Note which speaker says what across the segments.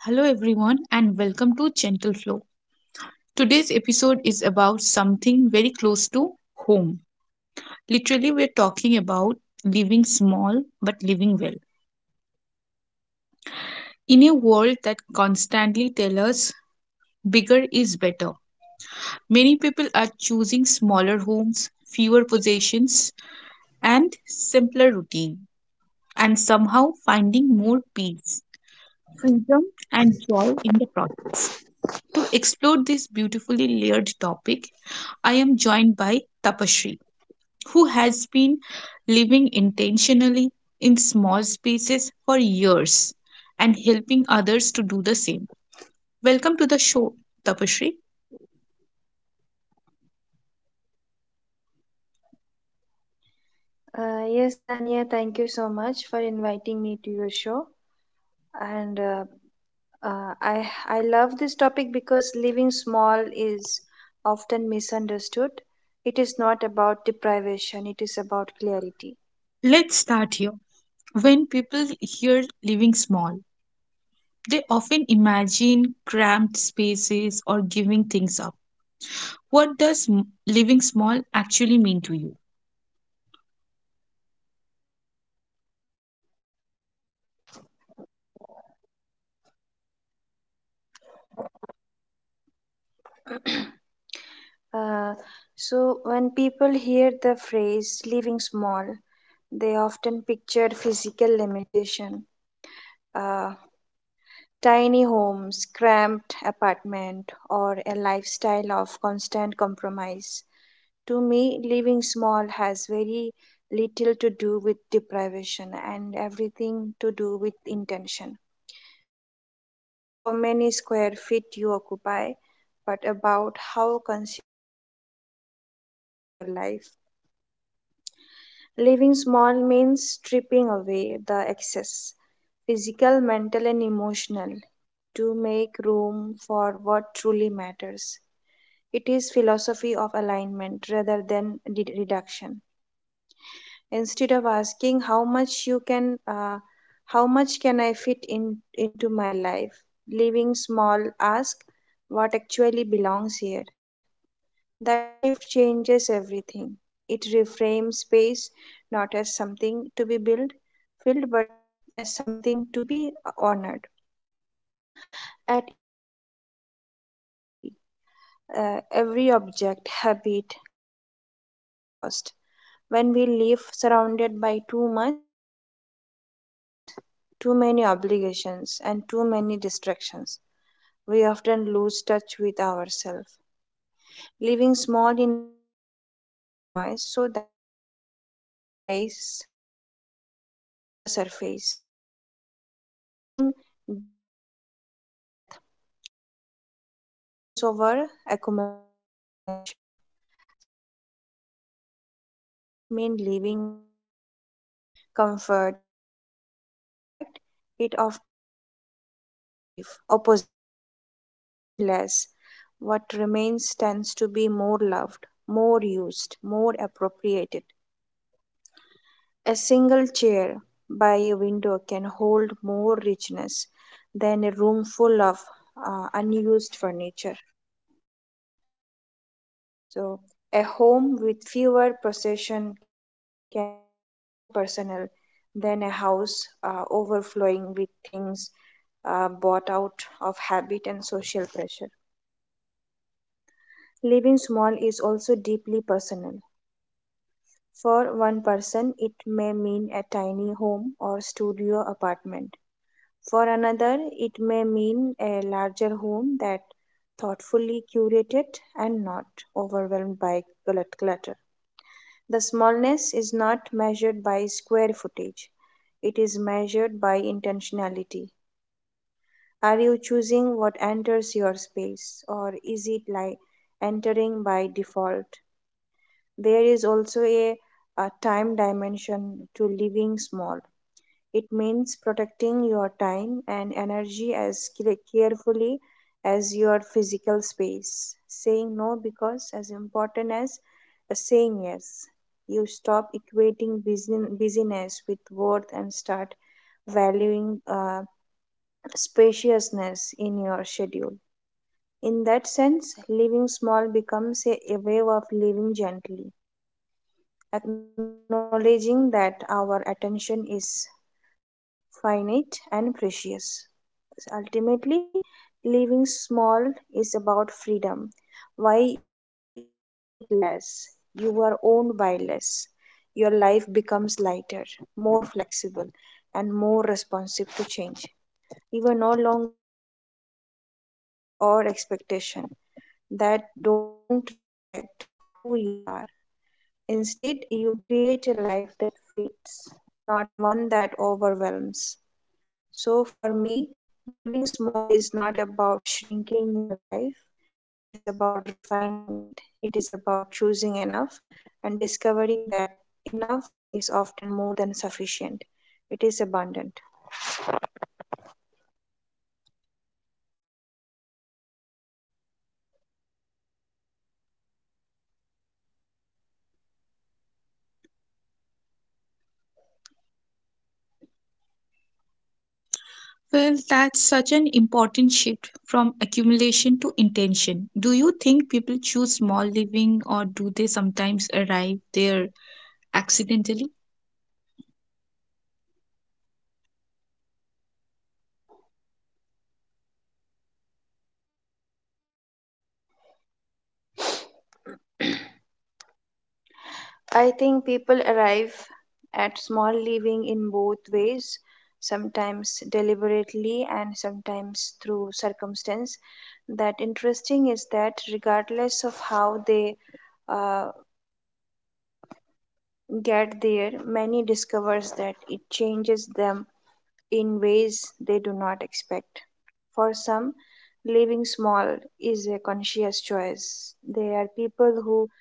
Speaker 1: Hello, everyone, and welcome to Gentle Flow. Today's episode is about something very close to home. Literally, we're talking about living small but living well. In a world that constantly tells us bigger is better, many people are choosing smaller homes, fewer possessions, and simpler routine, and somehow finding more peace, freedom, and joy in the process. To explore this beautifully layered topic, I am joined by Tapashri, who has been living intentionally in small spaces for years and helping others to do the same. Welcome to the show, Tapashri.
Speaker 2: Yes, Tania, thank you so much for inviting me to your show. And I love this topic because living small is often misunderstood. It is not about deprivation; it is about clarity.
Speaker 1: Let's start here. When people hear living small, they often imagine cramped spaces or giving things up. What does living small actually mean to you?
Speaker 2: Uh, so when people hear the phrase "living small," they often picture physical limitation. Uh, Tiny homes, cramped apartment, or a lifestyle of constant compromise. To me, living small has very little to do with deprivation and everything to do with intention. It about how many square feet you occupy, but about how consciously you choose to occupy your life. Living small means stripping away the excess, physical, mental, and emotional, to make room for what truly matters. It is philosophy of alignment rather than reduction. Instead of asking how much can I fit in into my life, living small, ask what actually belongs here that shift changes everything. It reframes space not as something to be built, filled, but as something to be. At its core, living small is about clarity. Every object, habit, commitment has a cost. When we live surrounded by too much, too many things, too many obligations, and too many distractions, we often lose touch with ourselves. Living small in a way of reducing noise so that meaning can rise to the surface. It choosing deep depth over breadth, presence over accumulation. So, importantly, living small does not mean living without beauty, comfort, or joy. In fact, it often means the positive opposite. When you own less, what remains tends to be more loved, more used, more appropriated. A single chair by a window can hold more richness than a room full of unused furniture. So, a home with fewer possessions can feel and more personal than a house overflowing with things bought out of habit and social pressure. Living small is also deeply personal. One person, it may mean a tiny home or studio apartment. For another, it may mean a larger home that thoughtfully curated and not overwhelmed by clutter. The smallness is not measured by square, it is measured by intentionality. Are you choosing what enters your space, or is it like entering by default? There is also a time dimension to living small. It means protecting your time and energy as carefully as your physical space. Saying no because as important as saying yes. You stop equating busyness with worth and start valuing spaciousness in your schedule. In that sense, living small becomes a way of living gently, acknowledging that our attention is finite and precious. Ultimately, living small is about freedom. Why you need less, you are owned by less, your life becomes lighter, more flexible, and more responsive to change. You are no longer anchored by procession or expectation that don't reflect who you are. Instead, you create a life that fits, not one that overwhelms. So for me, living small is not about shrinking your life. It is about refining it. It is about choosing enough and discovering that enough is often more than sufficient. It is abundant.
Speaker 1: Well, that's such an important shift from accumulation to intention. Do you think people choose small living or do they sometimes arrive there accidentally?
Speaker 2: I think people arrive at small living in both ways, sometimes deliberately and sometimes through circumstance. That interesting is that regardless of how they uh, get there, many discovers that it changes them in ways they do not expect. For some, living small is a conscious choice. They are people who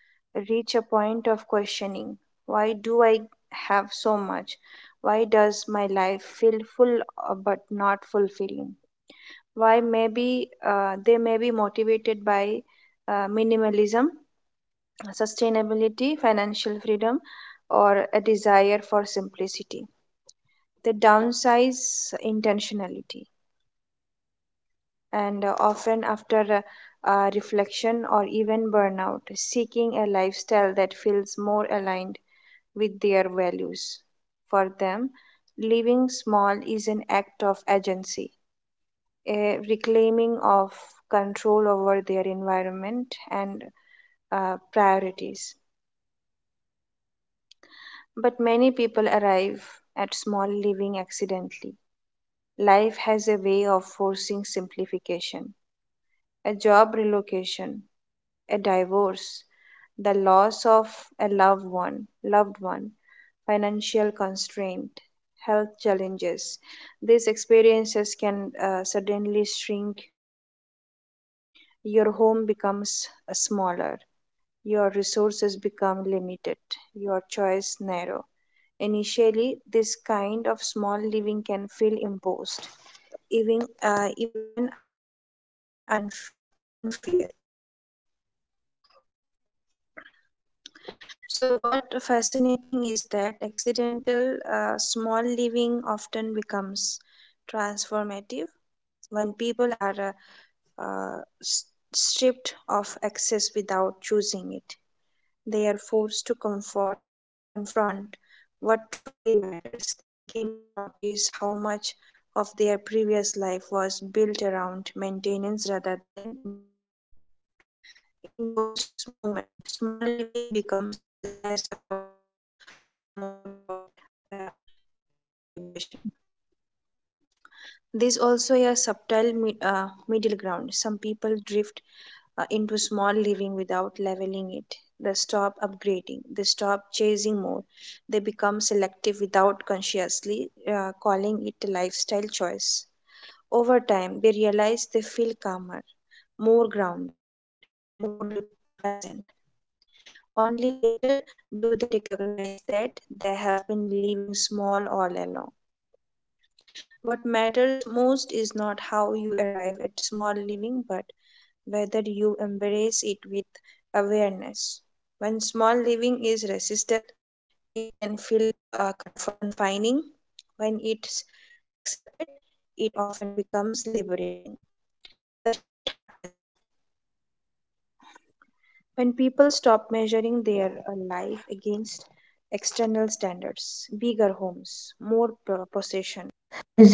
Speaker 2: reach a point of questioning why do I have so much? Why does my life feel full but not fulfilling? Why maybe they may be motivated by minimalism, sustainability, financial freedom, or a desire for simplicity. They downsize intentionality and often after reflection or even burnout, seeking a lifestyle that feels more aligned with their values. For them, living small is an act of agency, a reclaiming of control over their environment and priorities. But many people arrive at small living accidentally. Life has a way of forcing simplification. A job relocation, a divorce, the loss of a loved one, financial constraint, health challenges. These experiences can suddenly shrink your world. Your home becomes smaller. Your resources become limited, your choice narrow. Initially, this kind of small living can feel imposed, even unfair. So, what fascinating is that accidental small living often becomes transformative when people are uh, uh, s- stripped of access without choosing it. They are forced to confront what truly matters. They begin to notice how much of their previous life was built around maintenance rather than meaning. In those moments, small living becomes less about loss or more about uh, recelebration. There's also a subtle middle ground. Some people drift into small living without leveling it. They stop upgrading, they stop chasing more, they become selective without consciously calling it a lifestyle choice. Over time, they realize they feel calmer, more grounded, and more present. Only later do they recognize that they have been living small all along. What matters most is not how you arrive at small living, but whether you embrace it with awareness. When small living is resisted, it can feel confining. When it's accepted, it often becomes liberating. The shift happens when people stop measuring their life against external standards, bigger homes, more possession.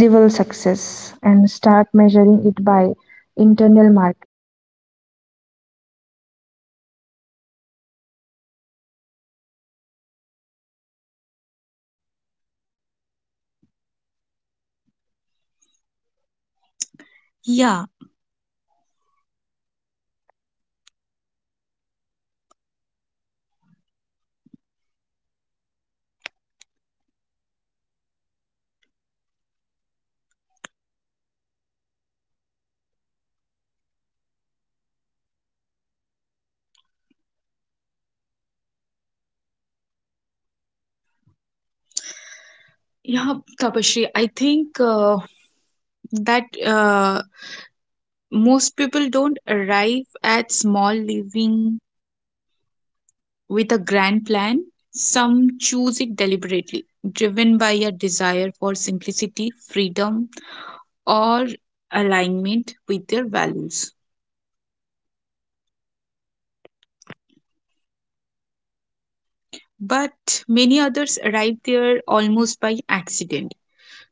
Speaker 1: Yeah, yeah, Tapashri. I think that most people don't arrive at small living with a grand plan. Some choose it deliberately, driven by a desire for simplicity, freedom, or alignment with their values. But many others arrive there almost by accident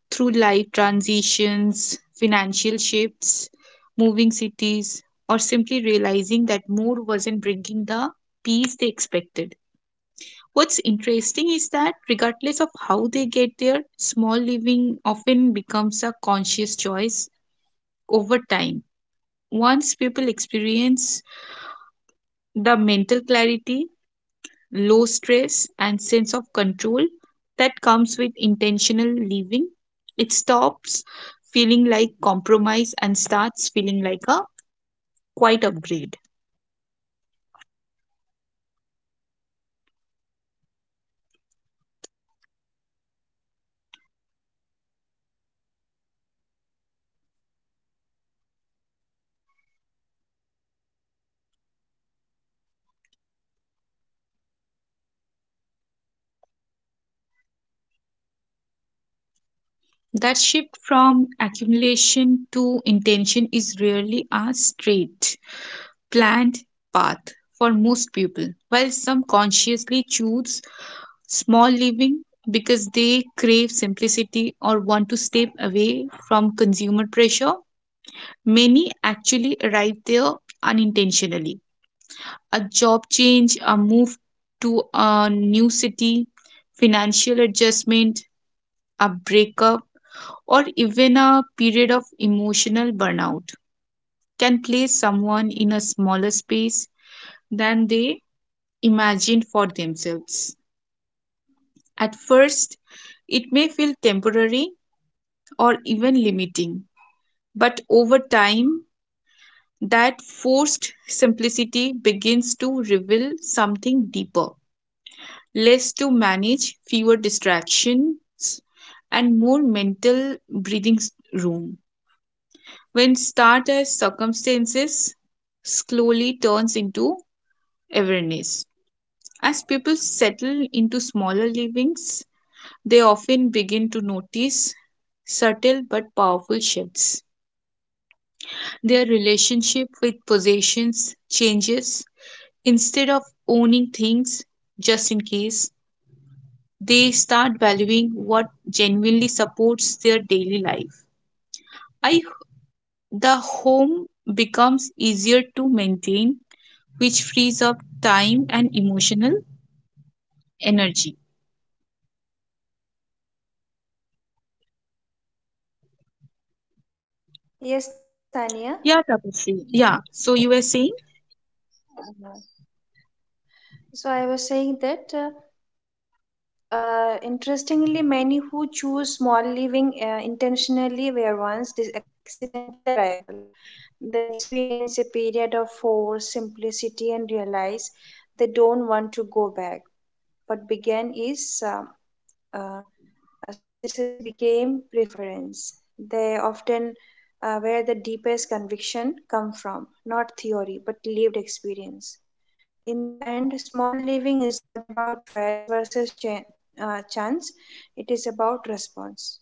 Speaker 1: through life transitions, financial shifts, moving cities, or simply realizing that more wasn't bringing the peace they expected. What's interesting is that, regardless of how they get there, small living often becomes a conscious choice over time. Once people experience the mental clarity, low stress, and sense of control that comes with intentional living, it stops feeling like compromise and starts feeling like a quite upgrade. That shift from accumulation to intention is rarely a straight, planned path. For most people, while some consciously choose small living because they crave simplicity or want to step away from consumer pressure, many actually arrive there unintentionally. A job change, a move to a new city, financial adjustment, a breakup, or even a period of emotional burnout can place someone in a smaller space than they imagined for themselves. At first, it may feel temporary or even limiting, but over time, that forced simplicity begins to reveal something deeper: less to manage, fewer distractions, and more mental breathing room. When start as circumstances slowly turns into awareness. As people settle into smaller livings, they often begin to notice subtle but powerful shifts. Their relationship with possessions changes. Instead of owning things just in case, they start valuing what genuinely supports their daily life. I the home becomes easier to maintain, which frees up time and emotional energy. Yeah,
Speaker 2: Yeah.
Speaker 1: Tapasri. Yeah. So you were saying?
Speaker 2: Uh, So I was saying that interestingly, many who choose small living intentionally were once this accidental arrival. They experience a period of force, simplicity, and realize they don't want to go back. What began is uh, as necessity became preference. They often where the deepest conviction come from, not theory but lived experience. In the end, small living is not about choice versus chance, it is about response.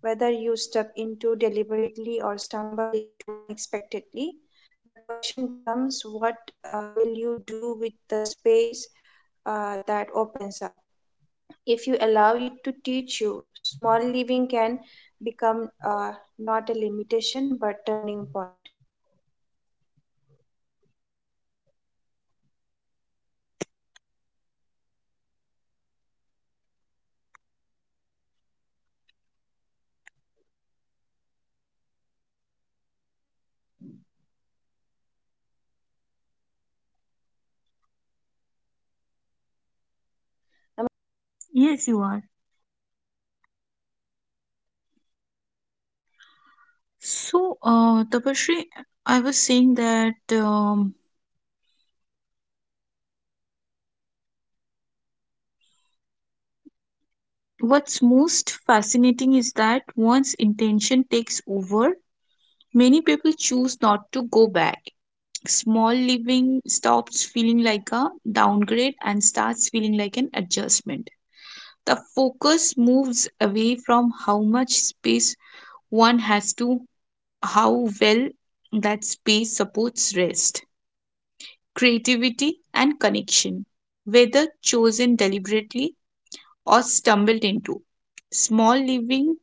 Speaker 2: Whether you step into deliberately or stumble into unexpectedly, the question becomes what will you do with the space that opens up? If you allow it to teach you, small living can become not a limitation but turning point. Am I audible,
Speaker 1: Yes, you
Speaker 2: Tania?
Speaker 1: are. So, Tapasri, I was saying that what's most fascinating is that once intention takes over, many people choose not to go back. Small living stops feeling like a downgrade and starts feeling like an adjustment. The focus moves away from how much space one has to how well that space supports rest, creativity, and connection, whether chosen deliberately or stumbled into. Small living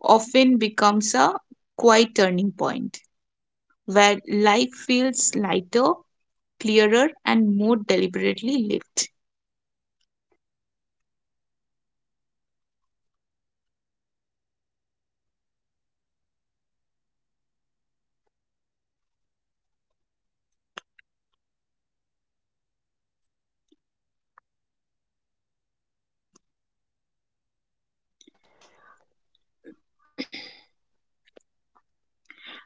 Speaker 1: often becomes a quiet turning point where life feels lighter, clearer, and more deliberately lived.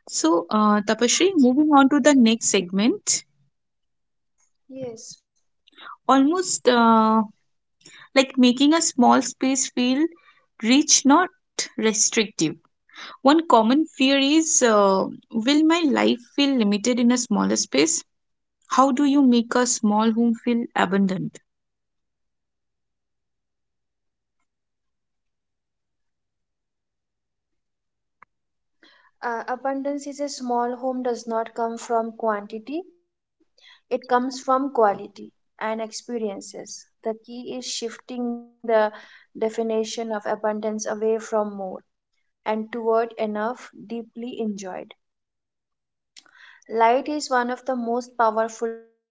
Speaker 1: So, Tapashri, moving on to the next segment,
Speaker 2: Yes,
Speaker 1: almost like making a small space feel rich, not restrictive. One common fear is, will my life feel limited in a smaller space? How do you make a small home feel abundant?
Speaker 2: abundance is a small home does not come from quantity, it comes from quality and experiences. The key is shifting the definition of abundance away from and toward enough deeply enjoyed. Light is one of the most powerful tools.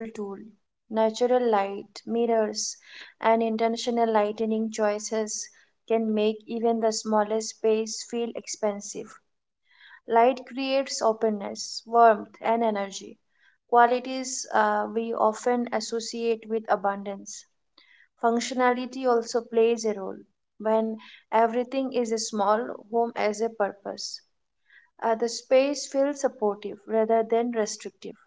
Speaker 2: Natural light, mirrors, and intentional lightening choices can make even the smallest space feel expensive. Light creates openness, warmth, and energy, qualities we often associate with abundance. Functionality also plays a role. When everything is small, home has a purpose. The space feels supportive rather than restrictive.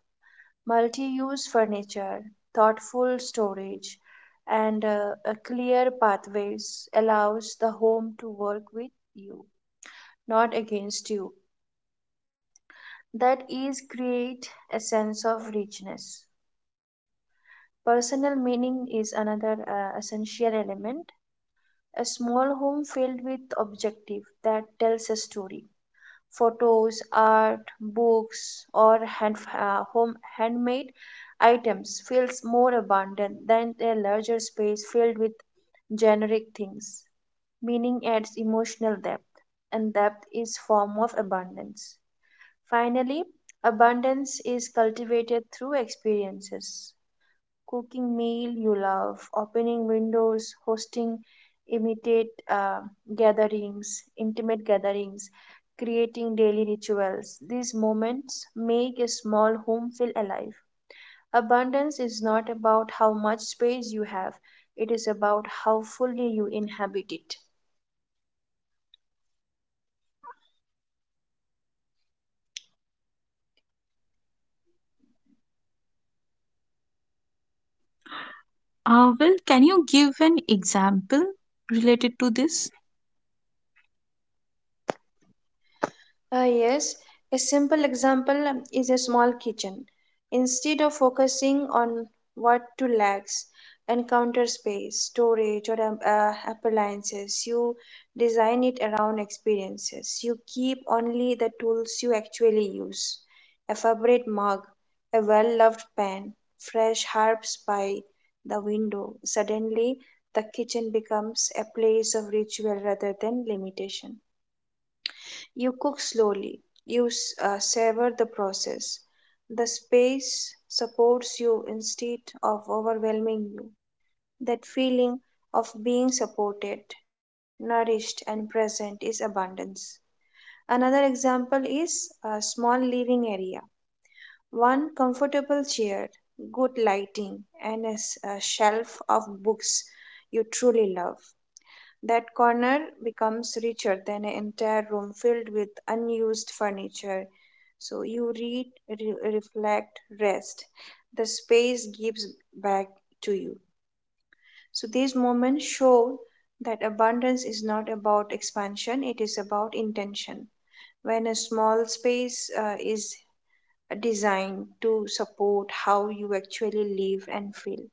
Speaker 2: Multi use furniture, thoughtful storage, and a clear pathways allows the home to work with you, not against you. That is create a sense of richness. Personal meaning is another essential element. A small home filled with objective that tells a story, photos, art, books, or handmade items feels more abundant than a larger space filled with generic things. Meaning adds emotional depth, and depth is form of abundance. Finally, abundance is cultivated through experiences. Cooking meal you love, opening windows, hosting imitate gatherings, intimate gatherings, creating daily rituals. These moments make a small home feel alive. Abundance is not about how much space you have, it is about how fully you inhabit it.
Speaker 1: Well, can you give an example related to this?
Speaker 2: Yes, a simple example is a small kitchen. Instead of focusing on what to lacks and counter space, storage, or appliances, you design it around experiences. You keep only the tools you actually use, a favorite mug, a well loved pan, fresh herbs by the window. Suddenly, the kitchen becomes a place of ritual rather than limitation. You cook slowly. You savor the process. The space supports you instead of overwhelming you. That feeling of being supported, nourished, and present is abundance. Another example is a small living area. One comfortable chair, good lighting, and a shelf of books you truly love. That corner becomes richer than an entire room filled with unused furniture. So you read, reflect, rest. The space gives back to you. So these moments show that abundance is not about expansion, it is about intention. When a small space is designed to support how you actually live and feel,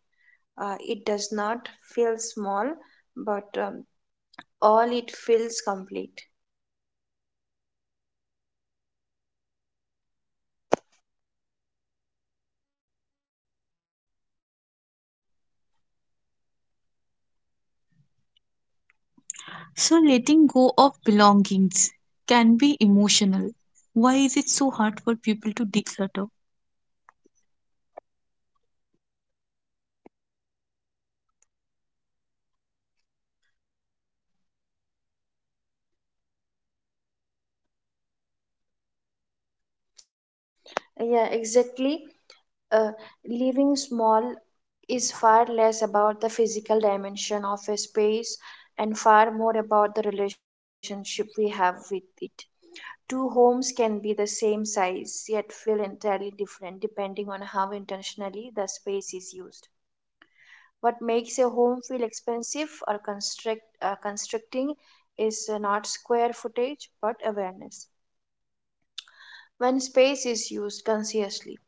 Speaker 2: it does not feel small, but all it feels complete.
Speaker 1: So, letting go of belongings can be emotional. Why is it so hard for people to declutter?
Speaker 2: Yeah, exactly. Uh, Living small is far less about the physical dimension of a space and far more about the relationship we have with it. Two homes can be the same size yet feel entirely different depending on how intentionally the space is used. What makes a home feel expensive or constricting is not square footage but awareness. When space is used consciously,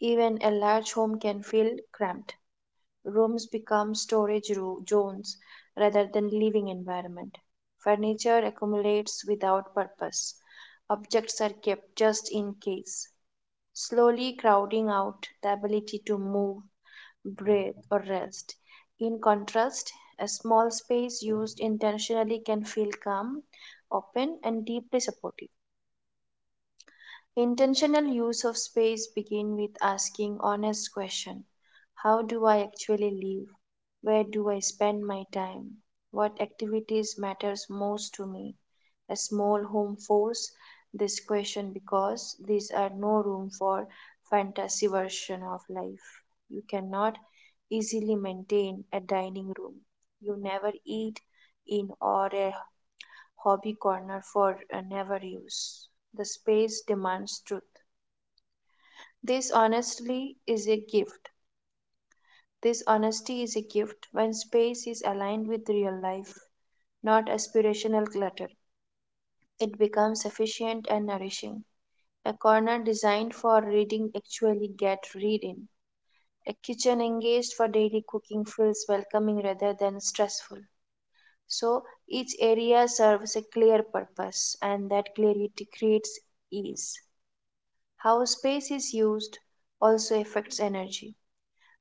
Speaker 2: even a large home can feel cramped. Rooms become storage zones rather than living environment. Furniture accumulates without purpose. Objects are kept just in case, slowly crowding out the ability to move, or rest. In contrast, a small space used intentionally can feel calm, open, and deeply supportive. Intentional use of space begin with asking honest question. How do I actually live? Where do I spend my time? What activities matters most to me? A small home force this question because these are no room for fantasy version of life. You cannot easily maintain a dining room. You never eat in or a hobby corner for never use. The space demands truth. This honestly is a gift. This honesty is a gift when space is aligned with real life, not aspirational clutter. It becomes efficient and nourishing. A corner designed for reading actually gets read in. A kitchen engaged for daily cooking feels welcoming rather than stressful. So each area serves a clear purpose, and that clarity creates ease. How space is used also affects energy.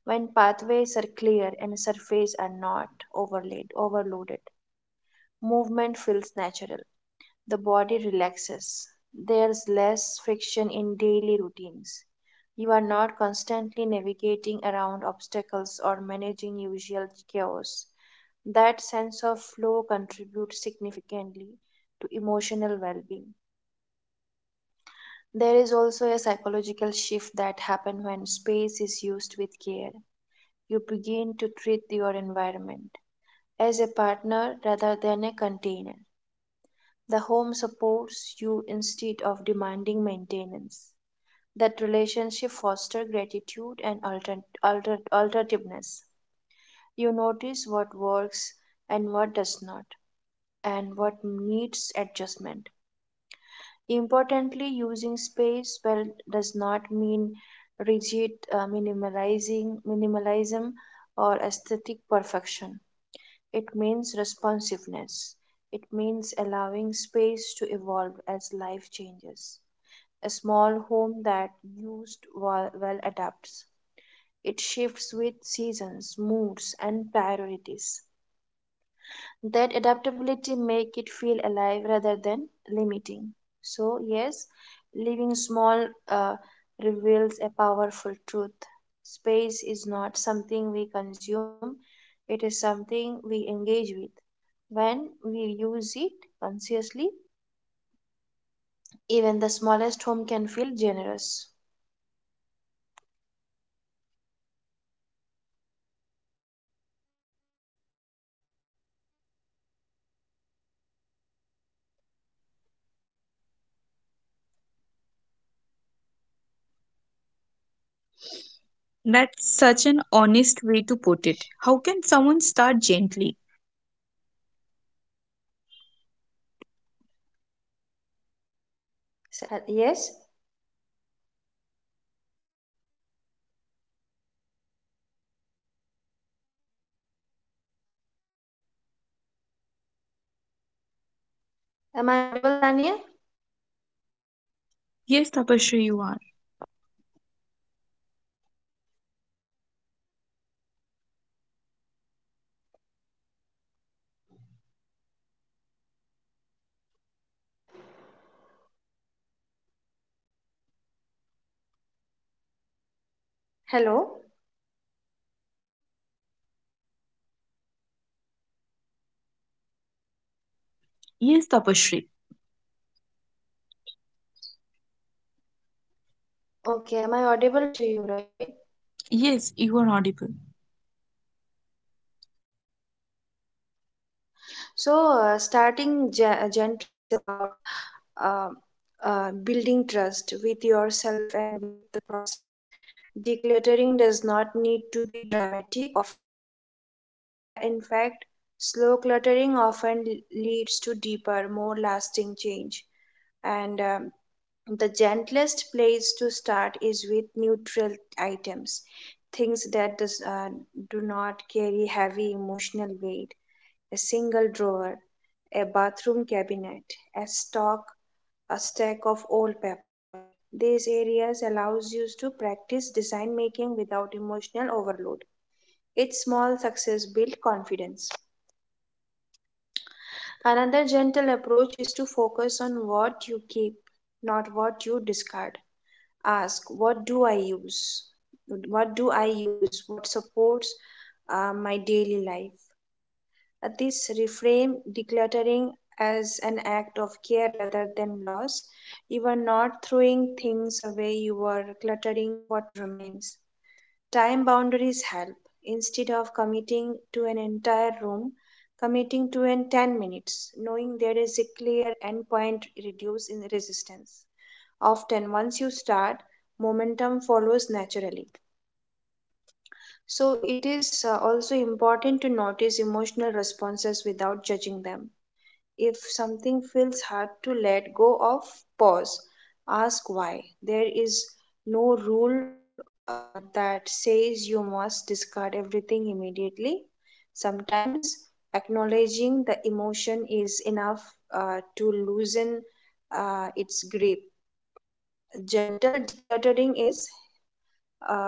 Speaker 2: When pathways are clear and surfaces are not overloaded, movement feels natural. The body relaxes. There's less friction in daily routines. You are not constantly navigating around obstacles or managing usual chaos. That sense of flow contributes significantly to emotional well being. There is also a psychological shift that happens when space is used with care. You begin to treat your environment as a partner rather than a container. The home supports you instead of demanding maintenance. That relationship fosters gratitude and alternativeness. You notice what works and what does not, and what needs adjustment. Importantly, using space well does not mean rigid minimalizing minimalism or aesthetic perfection. It means responsiveness. It means allowing space to evolve as life changes. A small home that used well adapts. It shifts with seasons, moods, and priorities that adaptability make it feel alive rather than limiting. So yes, living small, reveals a powerful truth. Space is not something we consume, it is something we engage with. When we use it consciously, even the smallest home can feel generous.
Speaker 1: That's such an honest way to put it. How can someone start gently?
Speaker 2: So, yes, am I audible, Tania?
Speaker 1: Yes, Tapashri, you are.
Speaker 2: Hello.
Speaker 1: Yes, Tapashri.
Speaker 2: Okay, am I audible to you right?
Speaker 1: Yes, you are audible.
Speaker 2: So starting gently is about uh, building trust with yourself and with the process. Decluttering does not dramatic or fast to be meaningful. In fact, slow cluttering often leads to deeper, more lasting change. And the gentlest place to start is with neutral items, things that do not carry heavy emotional weight. A single drawer, a bathroom cabinet, a stock, a stack of old paper. These areas allows you to practice design making without emotional overload. Each small success builds confidence. Another gentle approach is to focus on what you keep, not what you discard. Ask, what do I use? What supports my daily life? This reframe decluttering as an act of care rather than loss. You are not throwing things away, you are cluttering what remains. Time boundaries help. Instead of committing to an entire room, committing to an 10 minutes, knowing there is a clear endpoint reduces in resistance. Often, once you start, momentum follows naturally. So, it is also important to notice emotional responses without judging them. If something feels hard to let go of, pause. Ask why. There is no rule that says you must discard everything immediately. Sometimes acknowledging the emotion is enough to loosen its grip. Gentle decluttering is uh,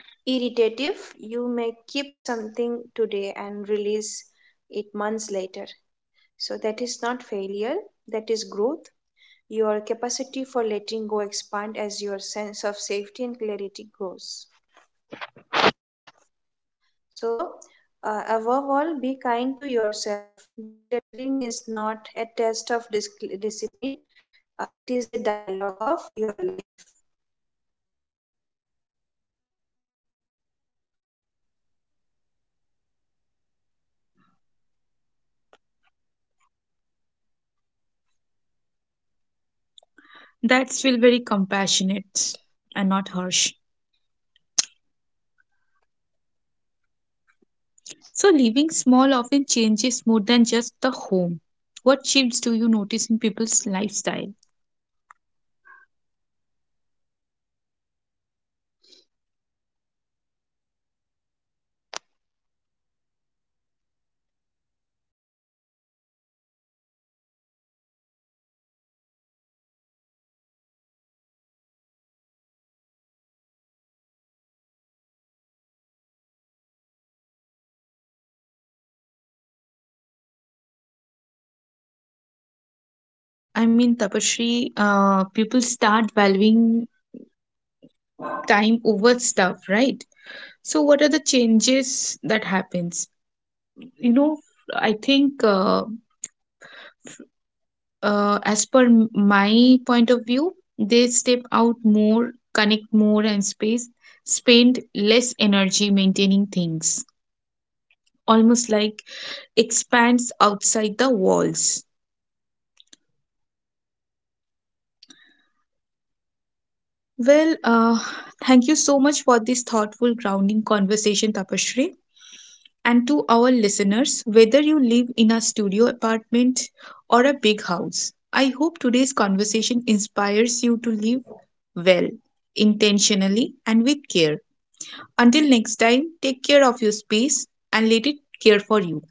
Speaker 2: irritative. You may keep something today and release it months later. So that is not failure, that is growth. Your capacity for letting go expand as your sense of safety and clarity grows. So, above all, be kind to yourself. Decluttering is not a test of discipline, it is a dialogue of your life.
Speaker 1: That's feel very compassionate and not harsh. So living small often changes more than just the home. What shifts do you notice in people's lifestyle? I mean, Tapashri, people start valuing time over stuff, right? So what are the changes that happens, you know? I think as per my point of view, they step out more, connect more, and space spend less energy maintaining things, almost like expands outside the walls. Well, thank you so much for this thoughtful grounding conversation, Tapashri, and to our listeners, whether you live in a studio apartment or a big house, I hope today's conversation inspires you to live well, intentionally, and with care. Until next time, take care of your space and let it care for you.